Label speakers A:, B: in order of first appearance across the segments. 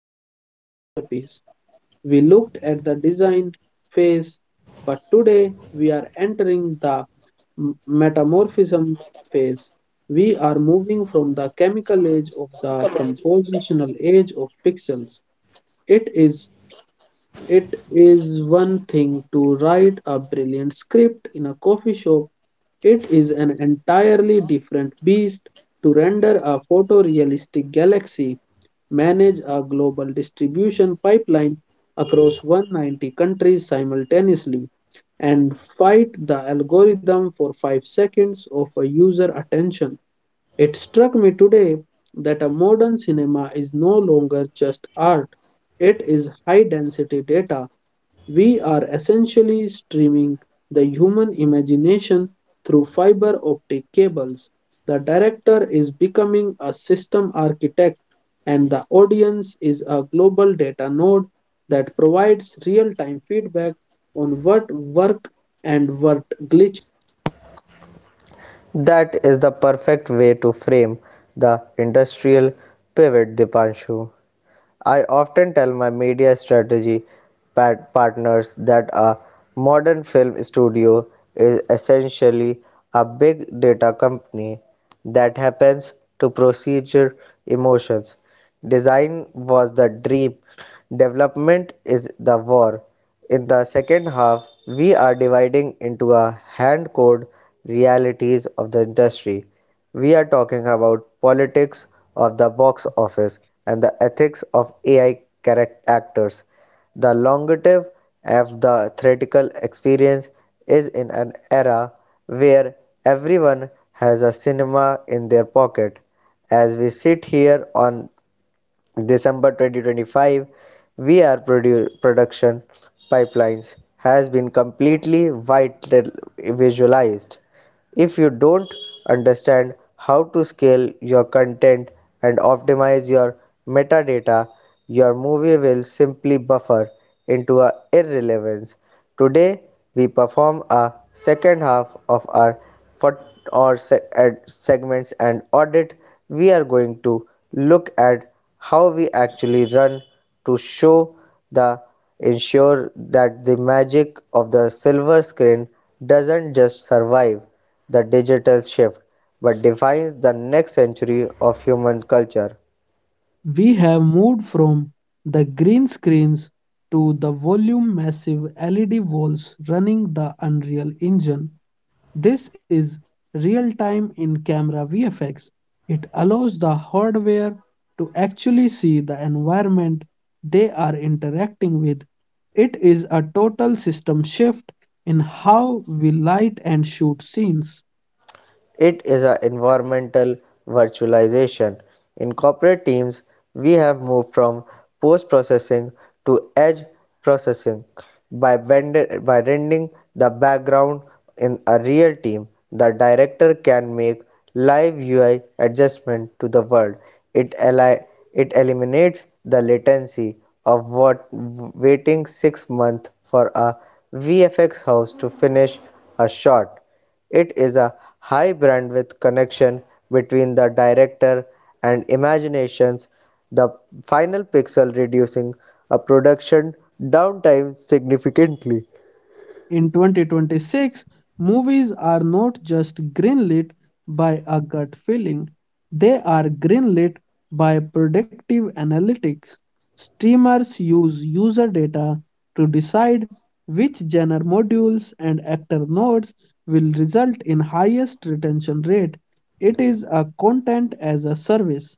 A: movie a masterpiece. We looked at the design phase, but today we are entering the metamorphism phase. We are moving from the chemical age of the compositional age of pixels. It is it is one thing to write a brilliant script in a coffee shop. It is an entirely different beast to render a photorealistic galaxy, manage a global distribution pipeline across 190 countries simultaneously, and fight the algorithm for 5 seconds of a user attention. It struck me today that a modern cinema is no longer just art. It is high density data. We are essentially streaming the human imagination through fiber optic cables. The director is becoming a system architect, and the audience is a global data node that provides real time feedback on what worked and what glitched.
B: That is the perfect way to frame the industrial pivot, Dipanshu. I often tell my media strategy partners that a modern film studio is essentially a big data company that happens to procedure emotions. Design was the dream, development is the war. In the second half, we are dividing into a hand code realities of the industry. We are talking about politics of the box office and the ethics of AI character actors. The longative of the theatrical experience is in an era where everyone has a cinema in their pocket. As we sit here on December 2025, VR production pipelines has been completely visualized. If you don't understand how to scale your content and optimize your metadata, your movie will simply buffer into a irrelevance. Today, we perform a second half of our 40 or ad segments and audit. We are going to look at how we actually run to show the ensure that the magic of the silver screen doesn't just survive the digital shift but defines the next century of human culture.
A: We have moved from the green screens to the volume massive LED walls running the Unreal Engine. This is real-time in-camera VFX. It allows the hardware to actually see the environment they are interacting with. It is a total system shift in how we light and shoot scenes.
B: It is an environmental virtualization. In corporate teams, we have moved from post-processing to edge processing by, by rendering the background in a real team. The director can make live UI adjustment to the world. It it eliminates the latency of what waiting 6 months for a VFX house to finish a shot. It is a high bandwidth connection between the director and imaginations, the final pixel reducing a production downtime significantly.
A: In 2026, movies are not just greenlit by a gut feeling, they are greenlit by predictive analytics. Streamers use user data to decide which genre modules and actor nodes will result in highest retention rate. It is a content as a service.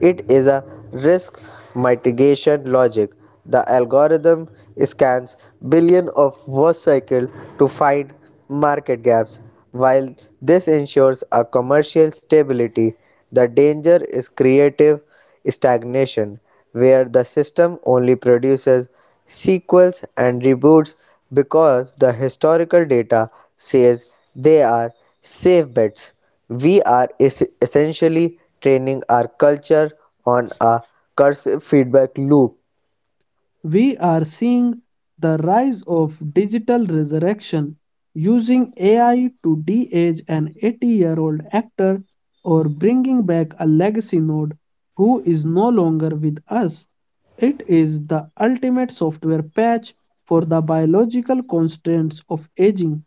B: It is a risk mitigation logic. The algorithm scans billion of watch cycle to find market gaps. While this ensures a commercial stability, the danger is creative stagnation, where the system only produces sequels and reboots because the historical data says they are safe bets. We are essentially training our culture on a cursive feedback loop.
A: We are seeing the rise of digital resurrection using AI to de age an 80-year-old actor or bringing back a legacy node who is no longer with us. It is the ultimate software patch for the biological constraints of aging.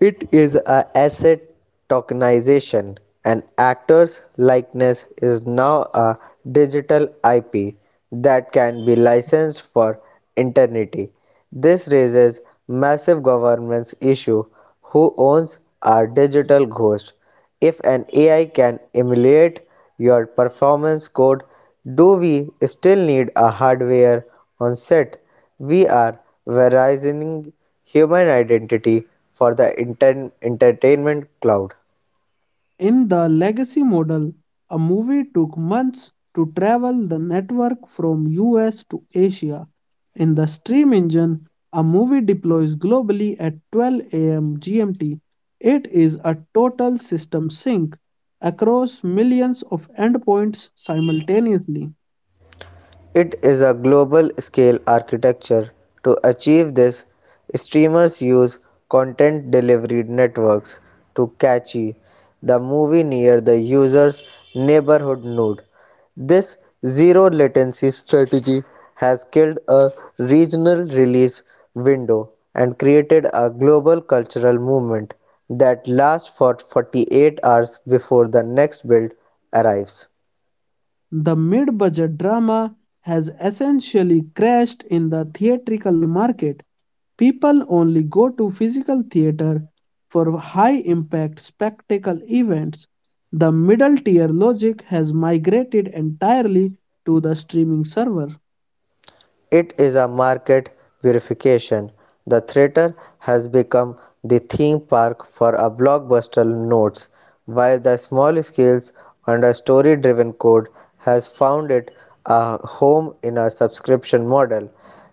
B: It is a asset tokenization. An actor's likeness is now a digital IP that can be licensed for eternity. This raises massive governance issue. Who owns our digital ghost? If an AI can emulate your performance code, do we still need a hardware on set? We are Verizon human identity for the entertainment cloud.
A: In the legacy model, a movie took months to travel the network from US to Asia. In the stream engine, a movie deploys globally at 12 a.m. GMT. It is a total system sync across millions of endpoints simultaneously.
B: It is a global scale architecture. To achieve this, streamers use content delivery networks to cache the movie near the user's neighborhood node. This zero latency strategy has killed a regional release window and created a global cultural movement that lasts for 48 hours before the next build arrives.
A: The mid-budget drama has essentially crashed in the theatrical market. People only go to physical theater for high-impact spectacle events. The middle-tier logic has migrated entirely to the streaming server.
B: It is a market purification. The theater has become the theme park for a blockbuster notes, while the small scales and a story driven code has found it a home in a subscription model.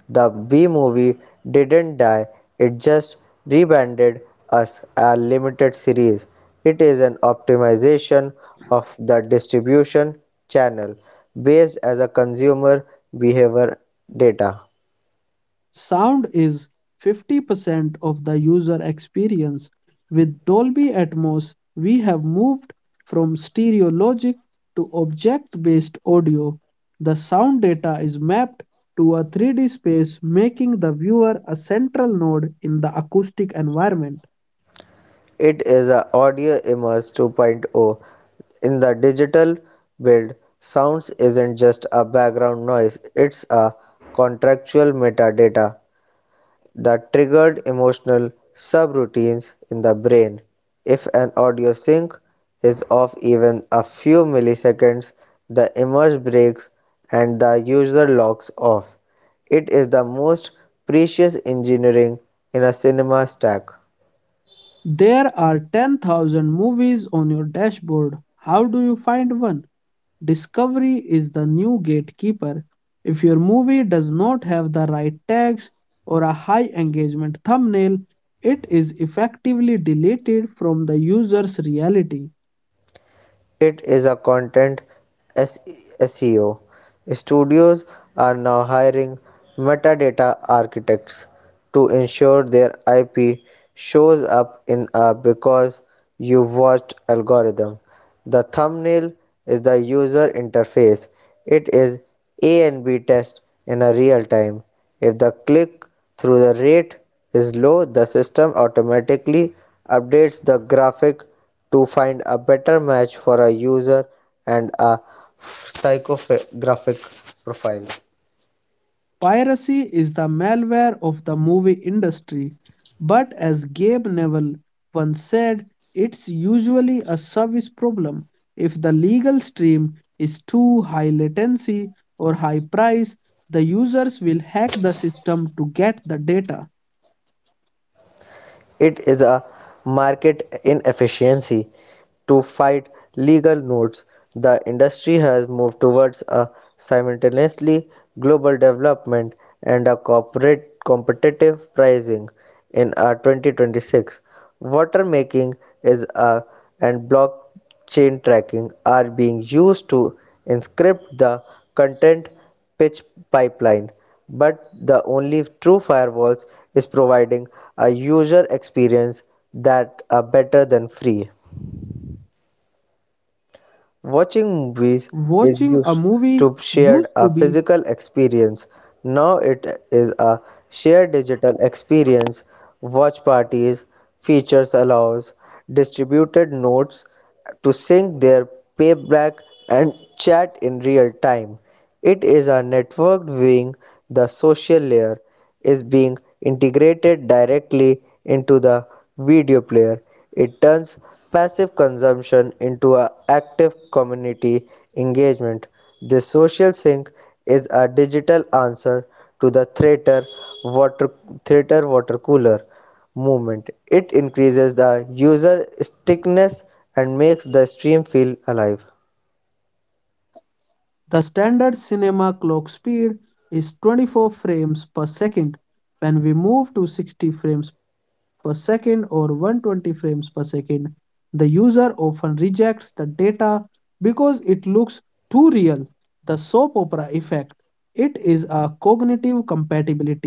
B: The B movie didn't die, it just rebranded as a limited series. It is an optimization of the distribution channel based as a consumer behavior data.
A: Sound is 50% of the user experience. With Dolby Atmos, we have moved from stereo logic to object based audio. The sound data is mapped to a 3D space, making the viewer a central node in the acoustic environment.
B: It is a audio immerse 2.0. In the digital build, sounds isn't just a background noise, it's a contractual metadata that triggered emotional subroutines in the brain. If an audio sync is off even a few milliseconds, the image breaks and the user logs off. It is the most precious engineering in a cinema stack.
A: There are 10,000 movies on your dashboard. How do you find one? Discovery is the new gatekeeper. If your movie does not have the right tags or a high engagement thumbnail, it is effectively deleted from the user's reality.
B: It is a content SEO. Studios are now hiring metadata architects to ensure their IP shows up in a because you watched algorithm. The thumbnail is the user interface. It is A and B test in a real time. If the click-through rate is low, the system automatically updates the graphic to find a better match for a user and a psychographic profile.
A: Piracy is the malware of the movie industry, but as Gabe Neville once said, it's usually a service problem. If the legal stream is too high latency or high price, the users will hack the system to get the data.
B: It is a market inefficiency to fight legal notes. The industry has moved towards a simultaneously global development and a corporate competitive pricing in 2026. Water making is a and blockchain tracking are being used to inscript the content pitch pipeline, but the only true firewalls is providing a user experience that are better than free.
A: Watching a movie
B: Watching
A: used to
B: movies
A: be
B: is used to shared a physical experience. Now it is a shared digital experience. Watch parties features allows distributed nodes to sync their playback and chat in real time. It is a networked viewing. The social layer is being integrated directly into the video player. It turns passive consumption into a active community engagement. This social sync is a digital answer to the theater water cooler movement. It increases the user stickiness and makes the stream feel alive.
A: the standard cinema clock speed is 24 frames per second. When we move to 60 frames per second or 120 frames per second, the user often rejects the data because it looks too real. The soap opera effect. It is a cognitive compatibility issue.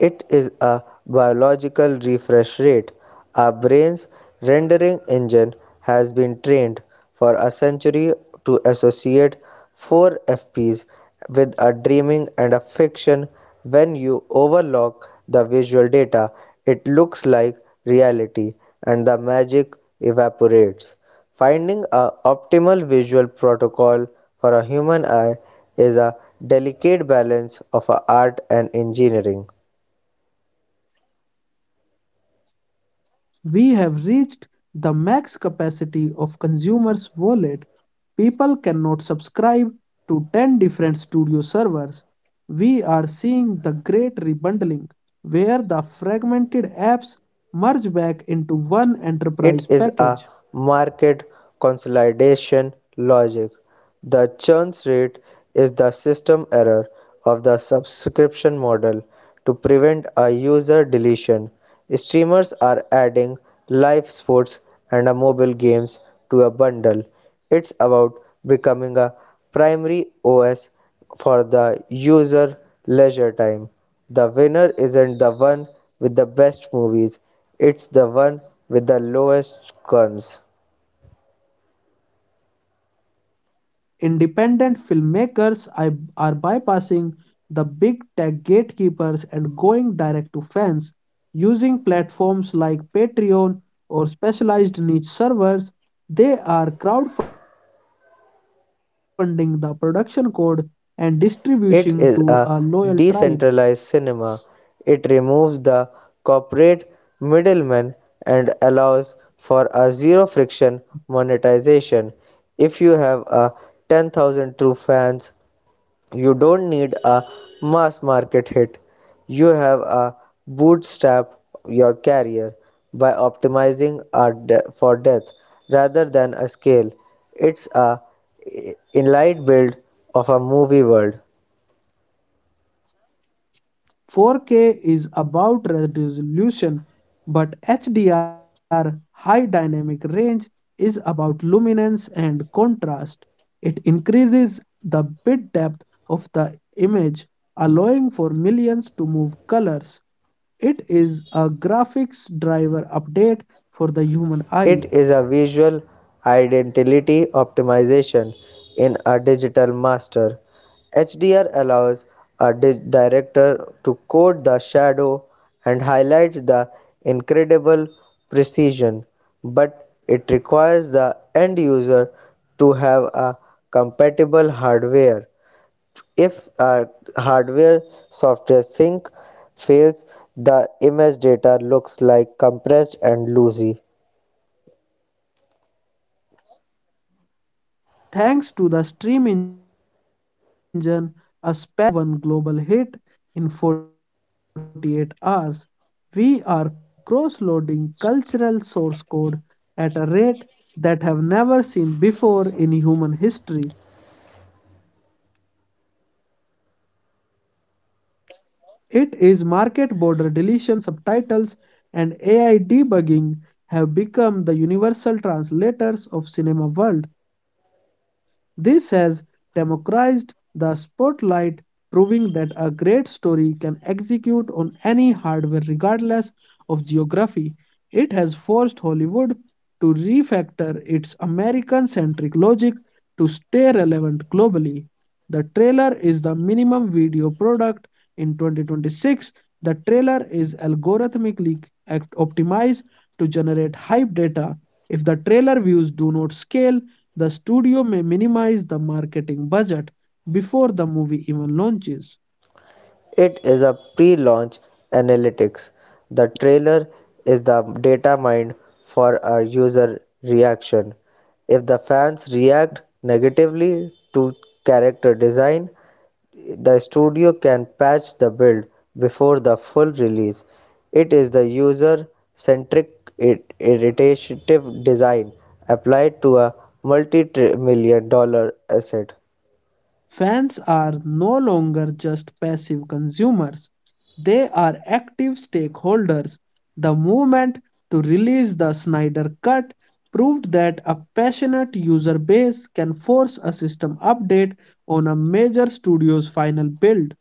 B: It is a biological refresh rate. Our brain's rendering engine has been trained for a century to associate four FPs with a dreaming and a fiction. When you overlock the visual data, it looks like reality and the magic evaporates. Finding a optimal visual protocol for a human eye is a delicate balance of art and engineering.
A: We have reached the max capacity of consumers' wallet. People cannot subscribe to 10 different studio servers. We are seeing the great rebundling, where the fragmented apps merge back into one enterprise
B: It is
A: package.
B: a market consolidation logic. The churn rate is the system error of the subscription model to prevent a user deletion. Streamers are adding live sports and mobile games to a bundle. It's about becoming a primary OS for the user leisure time. The winner isn't the one with the best movies. It's the one with the lowest quorums.
A: Independent filmmakers I- are bypassing the big tech gatekeepers and going direct to fans using platforms like Patreon or specialized niche servers. They are crowdfunding the production code and distribution to a loyal
B: It
A: tribe.
B: is a decentralized cinema. It removes the corporate middleman and allows for a zero friction monetization. If you have a 10,000 true fans, you don't need a mass market hit. You have a bootstrap your career by optimizing for depth rather than a scale. It's a inline build of a movie world.
A: 4K is about resolution, but HDR high dynamic range is about luminance and contrast. It increases the bit depth of the image, allowing for millions to move colors. It is a graphics driver update for the
B: It is a
A: human eye.
B: visual identity optimization in a digital master. HDR allows a director to code the shadow and highlights the incredible precision, but it requires the end user to have a compatible hardware. If a hardware software sync fails, the image data looks like compressed and loosey.
A: Thanks to the stream engine, a Spanish thriller or a Korean drama can become number one global hit in 48 hours. We are cross-loading cultural source code at a rate that have never seen before in human history. It is market border deletion, subtitles, and AI debugging have become the universal translators of cinema world. This has democratized the spotlight, proving that a great story can execute on any hardware regardless of geography. It has forced Hollywood to refactor its American centric logic to stay relevant globally. The trailer is the minimum video product in 2026. The trailer is algorithmically optimized to generate hype data. If the trailer views do not scale, the studio may minimize the marketing budget before the movie even
B: It is
A: launches.
B: a pre-launch analytics. The trailer is the data mined for a user reaction. If the fans react negatively to character design, the studio can patch the build before the full release. It is the user-centric iterative design applied to a multi-million-dollar asset.
A: Fans are no longer just passive consumers, they are active stakeholders. The movement to release the Snyder Cut proved that a passionate user base can force a system update on a major studio's final build.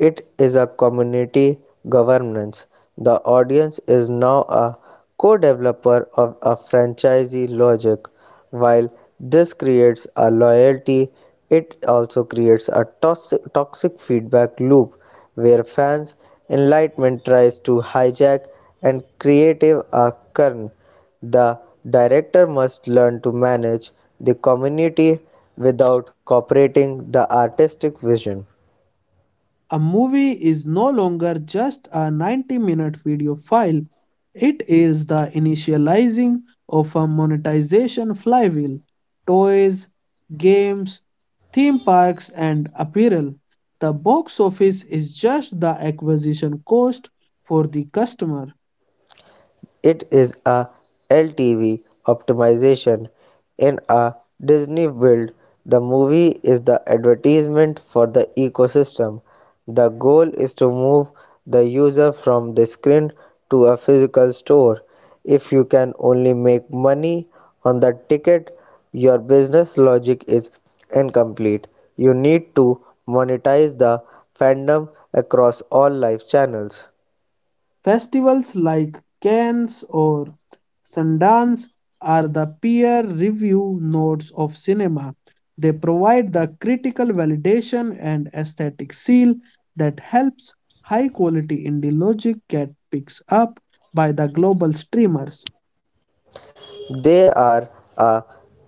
B: It is a community governance. The audience is now a co-developer of a franchisee logic. While this creates a loyalty, it also creates a toxic feedback loop where fans' enlightenment tries to hijack and creative a kern. The director must learn to manage the community without cooperating the artistic vision.
A: A movie is no longer just a 90-minute video file. It is the initializing of a monetization flywheel. Toys, games, theme parks, and apparel. The box office is just the acquisition cost for the customer.
B: It is a LTV optimization in a Disney build. The movie is the advertisement for the ecosystem. The goal is to move the user from the screen to a physical store. If you can only make money on the ticket, your business logic is incomplete. You need to monetize the fandom across all live channels.
A: Festivals like Cannes or Sundance are the peer review notes of cinema. They provide the critical validation and aesthetic seal that helps high quality indie logic get picked up by the global streamers.
B: They are a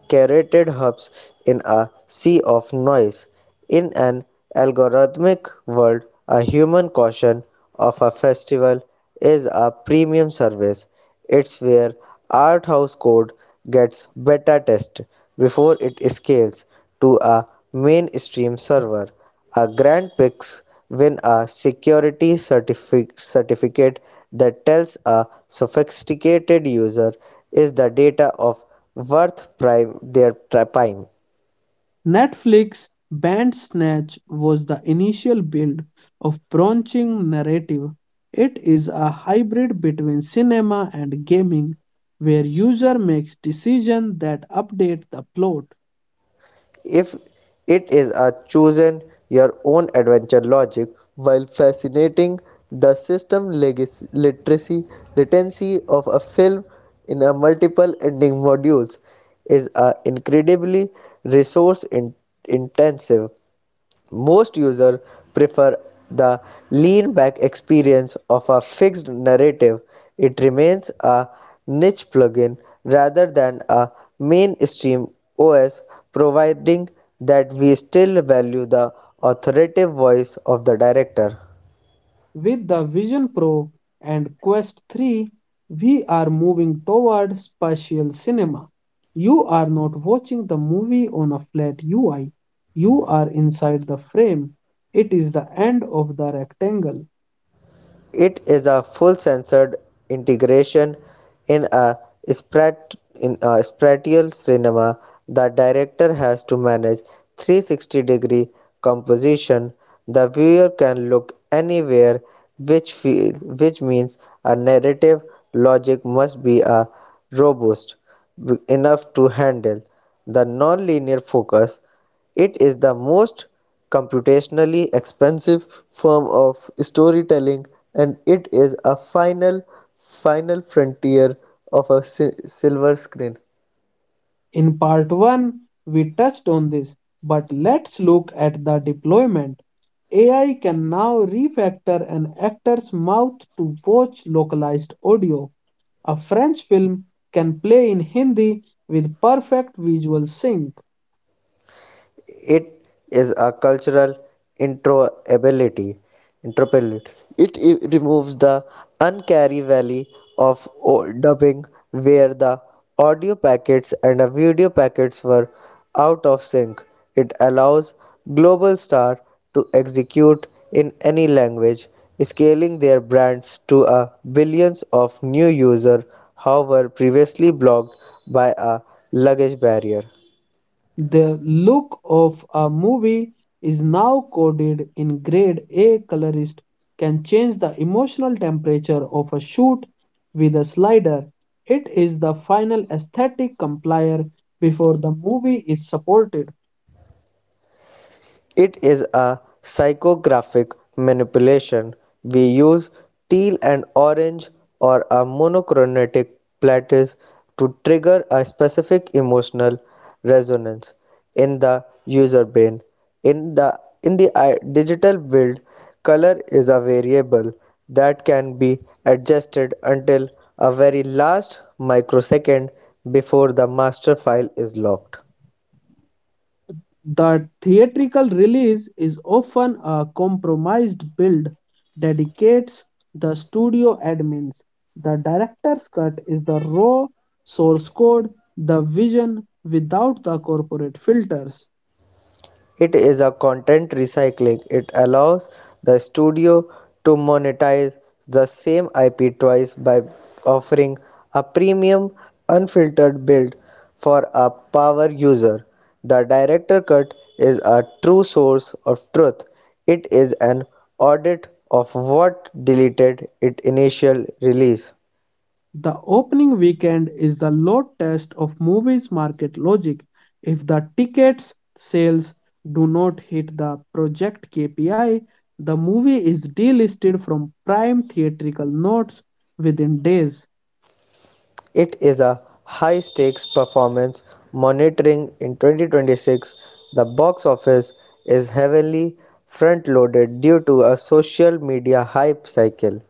B: curated hubs in a sea of noise. In an algorithmic world, a human caution of a festival is a premium service. It's where art house code gets beta tested before it scales to a mainstream server. A grand picks win a security certificate that tells a sophisticated user is the data of worth prime their prime.
A: Netflix's Bandersnatch was the initial build of branching narrative. It is a hybrid between cinema and gaming, where user makes decisions that update the plot.
B: If it is a chosen your own adventure logic while fascinating the system literacy latency of a film in a multiple ending modules is a incredibly resource intensive. Most users prefer the lean-back experience of a fixed narrative; it remains a niche plugin rather than a mainstream OS, providing that we still value the authoritative voice of the director.
A: With the Vision Pro and Quest 3, we are moving toward spatial cinema. You are not watching the movie on a flat UI. You are inside the frame. It is the end of the rectangle.
B: It is a full-censored integration in a spatial cinema. The director has to manage 360-degree composition. The viewer can look anywhere, which feel, which means a narrative logic must be a robust enough to handle the non-linear focus. It is the most computationally expensive form of storytelling and it is a final frontier of a silver screen.
A: In part 1, we touched on this, but let's look at the deployment. AI can now refactor an actor's mouth to watch localized audio. A French film can play in Hindi with perfect visual sync.
B: It is a cultural introability. Introability. It removes the uncanny valley of dubbing where the audio packets and the video packets were out of sync. It allows Global Star to execute in any language, scaling their brands to a billions of new users, however previously blocked by a language barrier.
A: The look of a movie is now coded in grade A colorist can change the emotional temperature of a shoot with a slider. It is the final aesthetic complier before the movie is supported.
B: It is a psychographic manipulation. We use teal and orange or a monochromatic plates to trigger a specific emotional resonance in the user brain. In the digital world, color is a variable that can be adjusted until a very last microsecond before the master file is locked.
A: The theatrical release is often a compromised build, dedicates the studio admins. The director's cut is the raw source code, the vision without the corporate filters.
B: It is a content recycling. It allows the studio to monetize the same IP twice by offering a premium unfiltered build for a power user. The director cut is a true source of truth. It is an audit of what deleted its initial release.
A: The opening weekend is the load test of movies market logic. If the tickets sales do not hit the project KPI, the movie is delisted from prime theatrical notes within days.
B: It is a high stakes performance monitoring in 2026. The box office is heavily front loaded due to a social media hype cycle.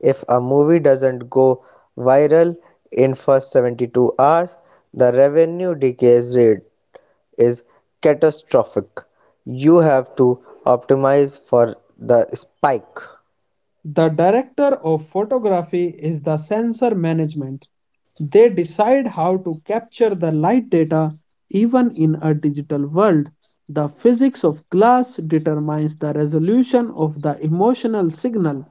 B: If a movie doesn't go viral in first 72 hours, the revenue decay rate is catastrophic. You have to optimize for the spike.
A: The director of photography is the sensor management. They decide how to capture the light data even in a digital world. The physics of glass determines the resolution of the emotional signal.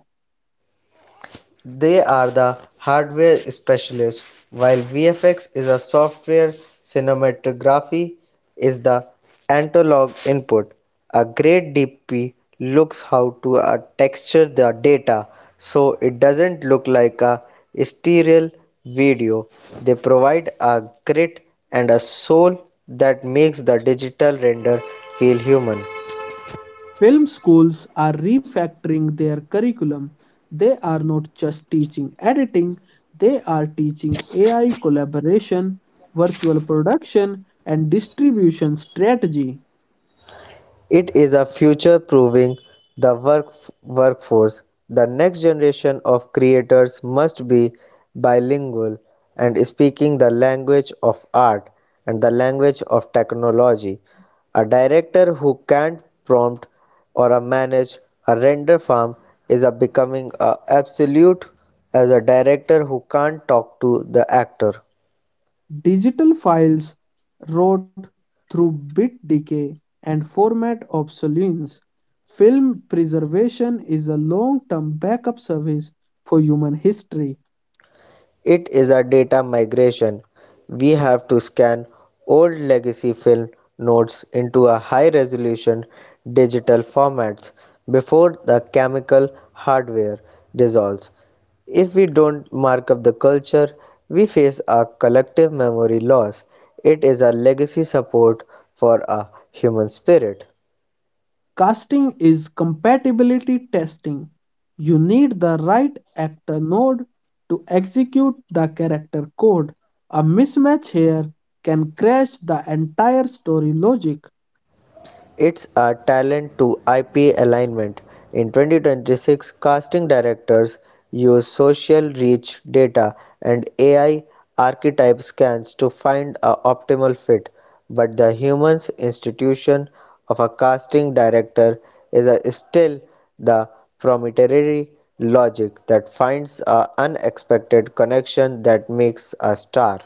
B: They are the hardware specialists, while VFX is a software cinematography is the analog input. A great DP looks how to texture the data so it doesn't look like a sterile video. They provide a grit and a soul that makes the digital render feel human.
A: Film schools are refactoring their curriculum. They are not just teaching editing, they are teaching AI collaboration, virtual production, and distribution strategy.
B: It is a future-proofing the workforce; the next generation of creators must be bilingual and speaking the language of art and the language of technology. A director who can't prompt or a manage a render farm is a becoming a absolute as a director who can't talk to the actor.
A: Digital files rot through bit decay and format obsolescence. Film preservation is a long-term backup service for human history.
B: It is a data migration. We have to scan old legacy film notes into a high resolution digital formats before the chemical hardware dissolves. If we don't mark up the culture, we face a collective memory loss. It is a legacy support for a human spirit.
A: Casting is compatibility testing. You need the right actor node to execute the character code. A mismatch here can crash the entire story logic.
B: It's a talent to IP alignment. In 2026, casting directors use social reach data and AI archetype scans to find a optimal fit, but the human institution of a casting director is still the proprietary logic that finds an unexpected connection that makes a star.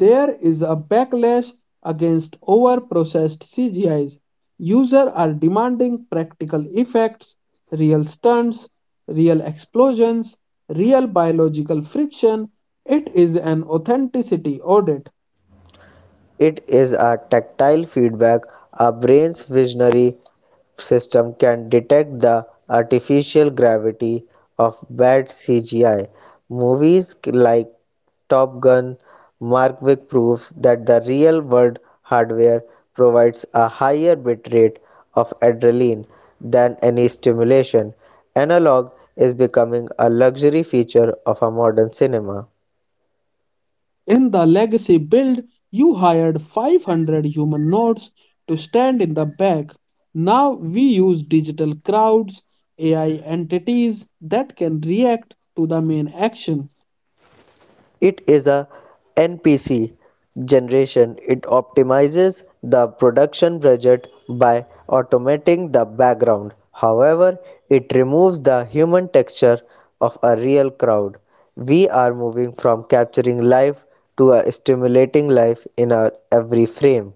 A: There is a backlash against over processed CGIs. Users are demanding practical effects, real stunts, real explosions, real biological friction. It is an authenticity audit.
B: It is a tactile feedback; a brain's visionary system can detect the artificial gravity of bad CGI. Movies like Top Gun Markwick proves that the real world hardware provides a higher bitrate of adrenaline than any stimulation. Analog is becoming a luxury feature of a modern cinema.
A: In the legacy build, you hired 500 human nodes to stand in the back. Now we use digital crowds, AI entities that can react to the main action.
B: It is a NPC generation. It optimizes the production budget by automating the background. However, it removes the human texture of a real crowd. We are moving from capturing life to a stimulating life in our every frame.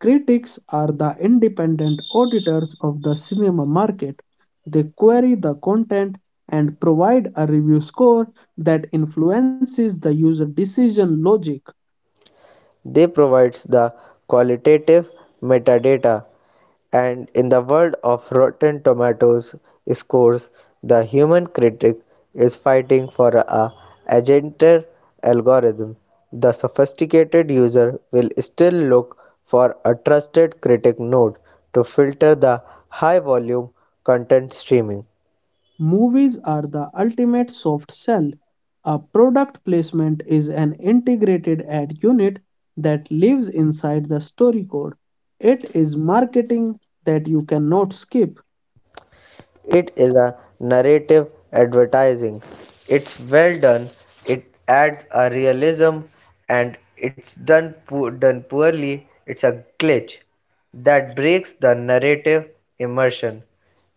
A: Critics are the independent auditors of the cinema market. They query the content and provide a review score that influences the user decision logic.
B: They provides the qualitative metadata. And in the world of Rotten Tomatoes scores, the human critic is fighting for a agented algorithm. The sophisticated user will still look for a trusted critic node to filter the high volume content streaming.
A: Movies are the ultimate soft sell. A product placement is an integrated ad unit that lives inside the story code. It is marketing that you cannot skip.
B: It is a narrative advertising. It's well done. It adds a realism, and it's done poorly. It's a glitch that breaks the narrative immersion.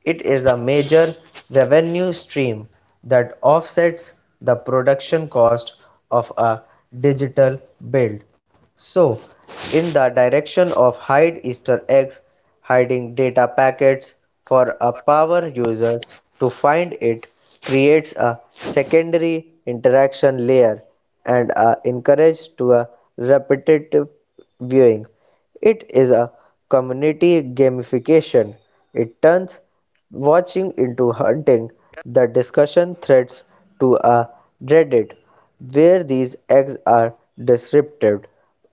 B: It is a major revenue stream that offsets the production cost of a digital build. So, in the direction of hide Easter eggs, hiding data packets for a power user to find it creates a secondary interaction layer and a encourage to a repetitive viewing. It is a community gamification. It turns watching into hunting. The discussion threads to a Reddit where these eggs are descriptive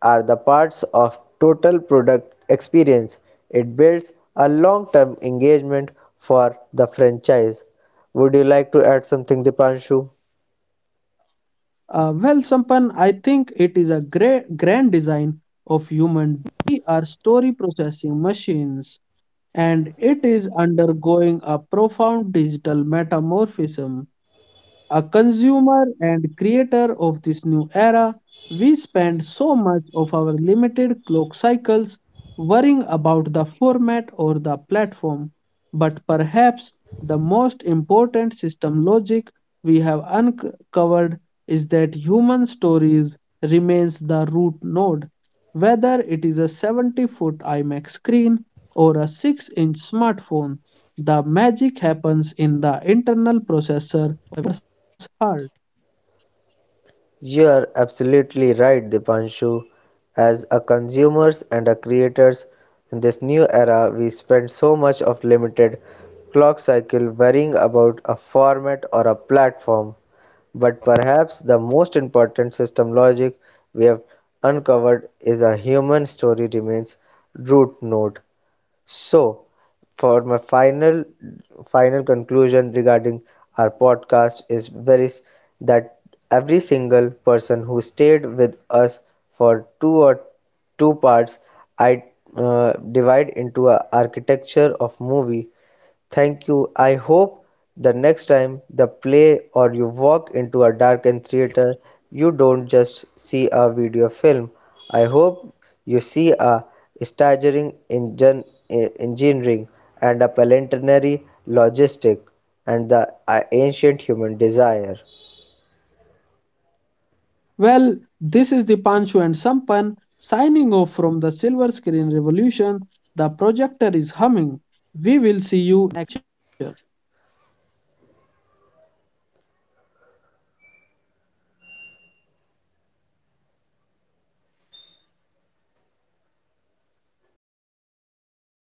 B: are the parts of total product experience. It builds a long-term engagement for the franchise. Would you like to add something, Dipanshu?
A: Well, Sampan, I think it is a great grand design of human. We are story processing machines, and it is undergoing a profound digital metamorphism. A consumer and creator of this new era, we spend so much of our limited clock cycles worrying about the format or the platform. But perhaps the most important system logic we have uncovered is that human stories remains the root node. Whether it is a 70-foot iMac screen or a 6-inch smartphone, the magic happens in the internal processor heart.
B: You're absolutely right, Dipanshu. As a consumers and a creators in this new era, we spend so much of limited clock cycle worrying about a format or a platform. But perhaps the most important system logic we have uncovered is a human story remains root node. So, for my final conclusion regarding our podcast is very s- that every single person who stayed with us for two or two parts, I uh, divide into a architecture of movie. Thank you. I hope the next time the play or you walk into a darkened theater, you don't just see a video film. I hope you see a staggering engineering and a planetary logistic and the ancient human desire.
A: Well, this is Dipanshu and Sampan signing off from the Silver Screen Revolution. The projector is humming. We will see you in the future.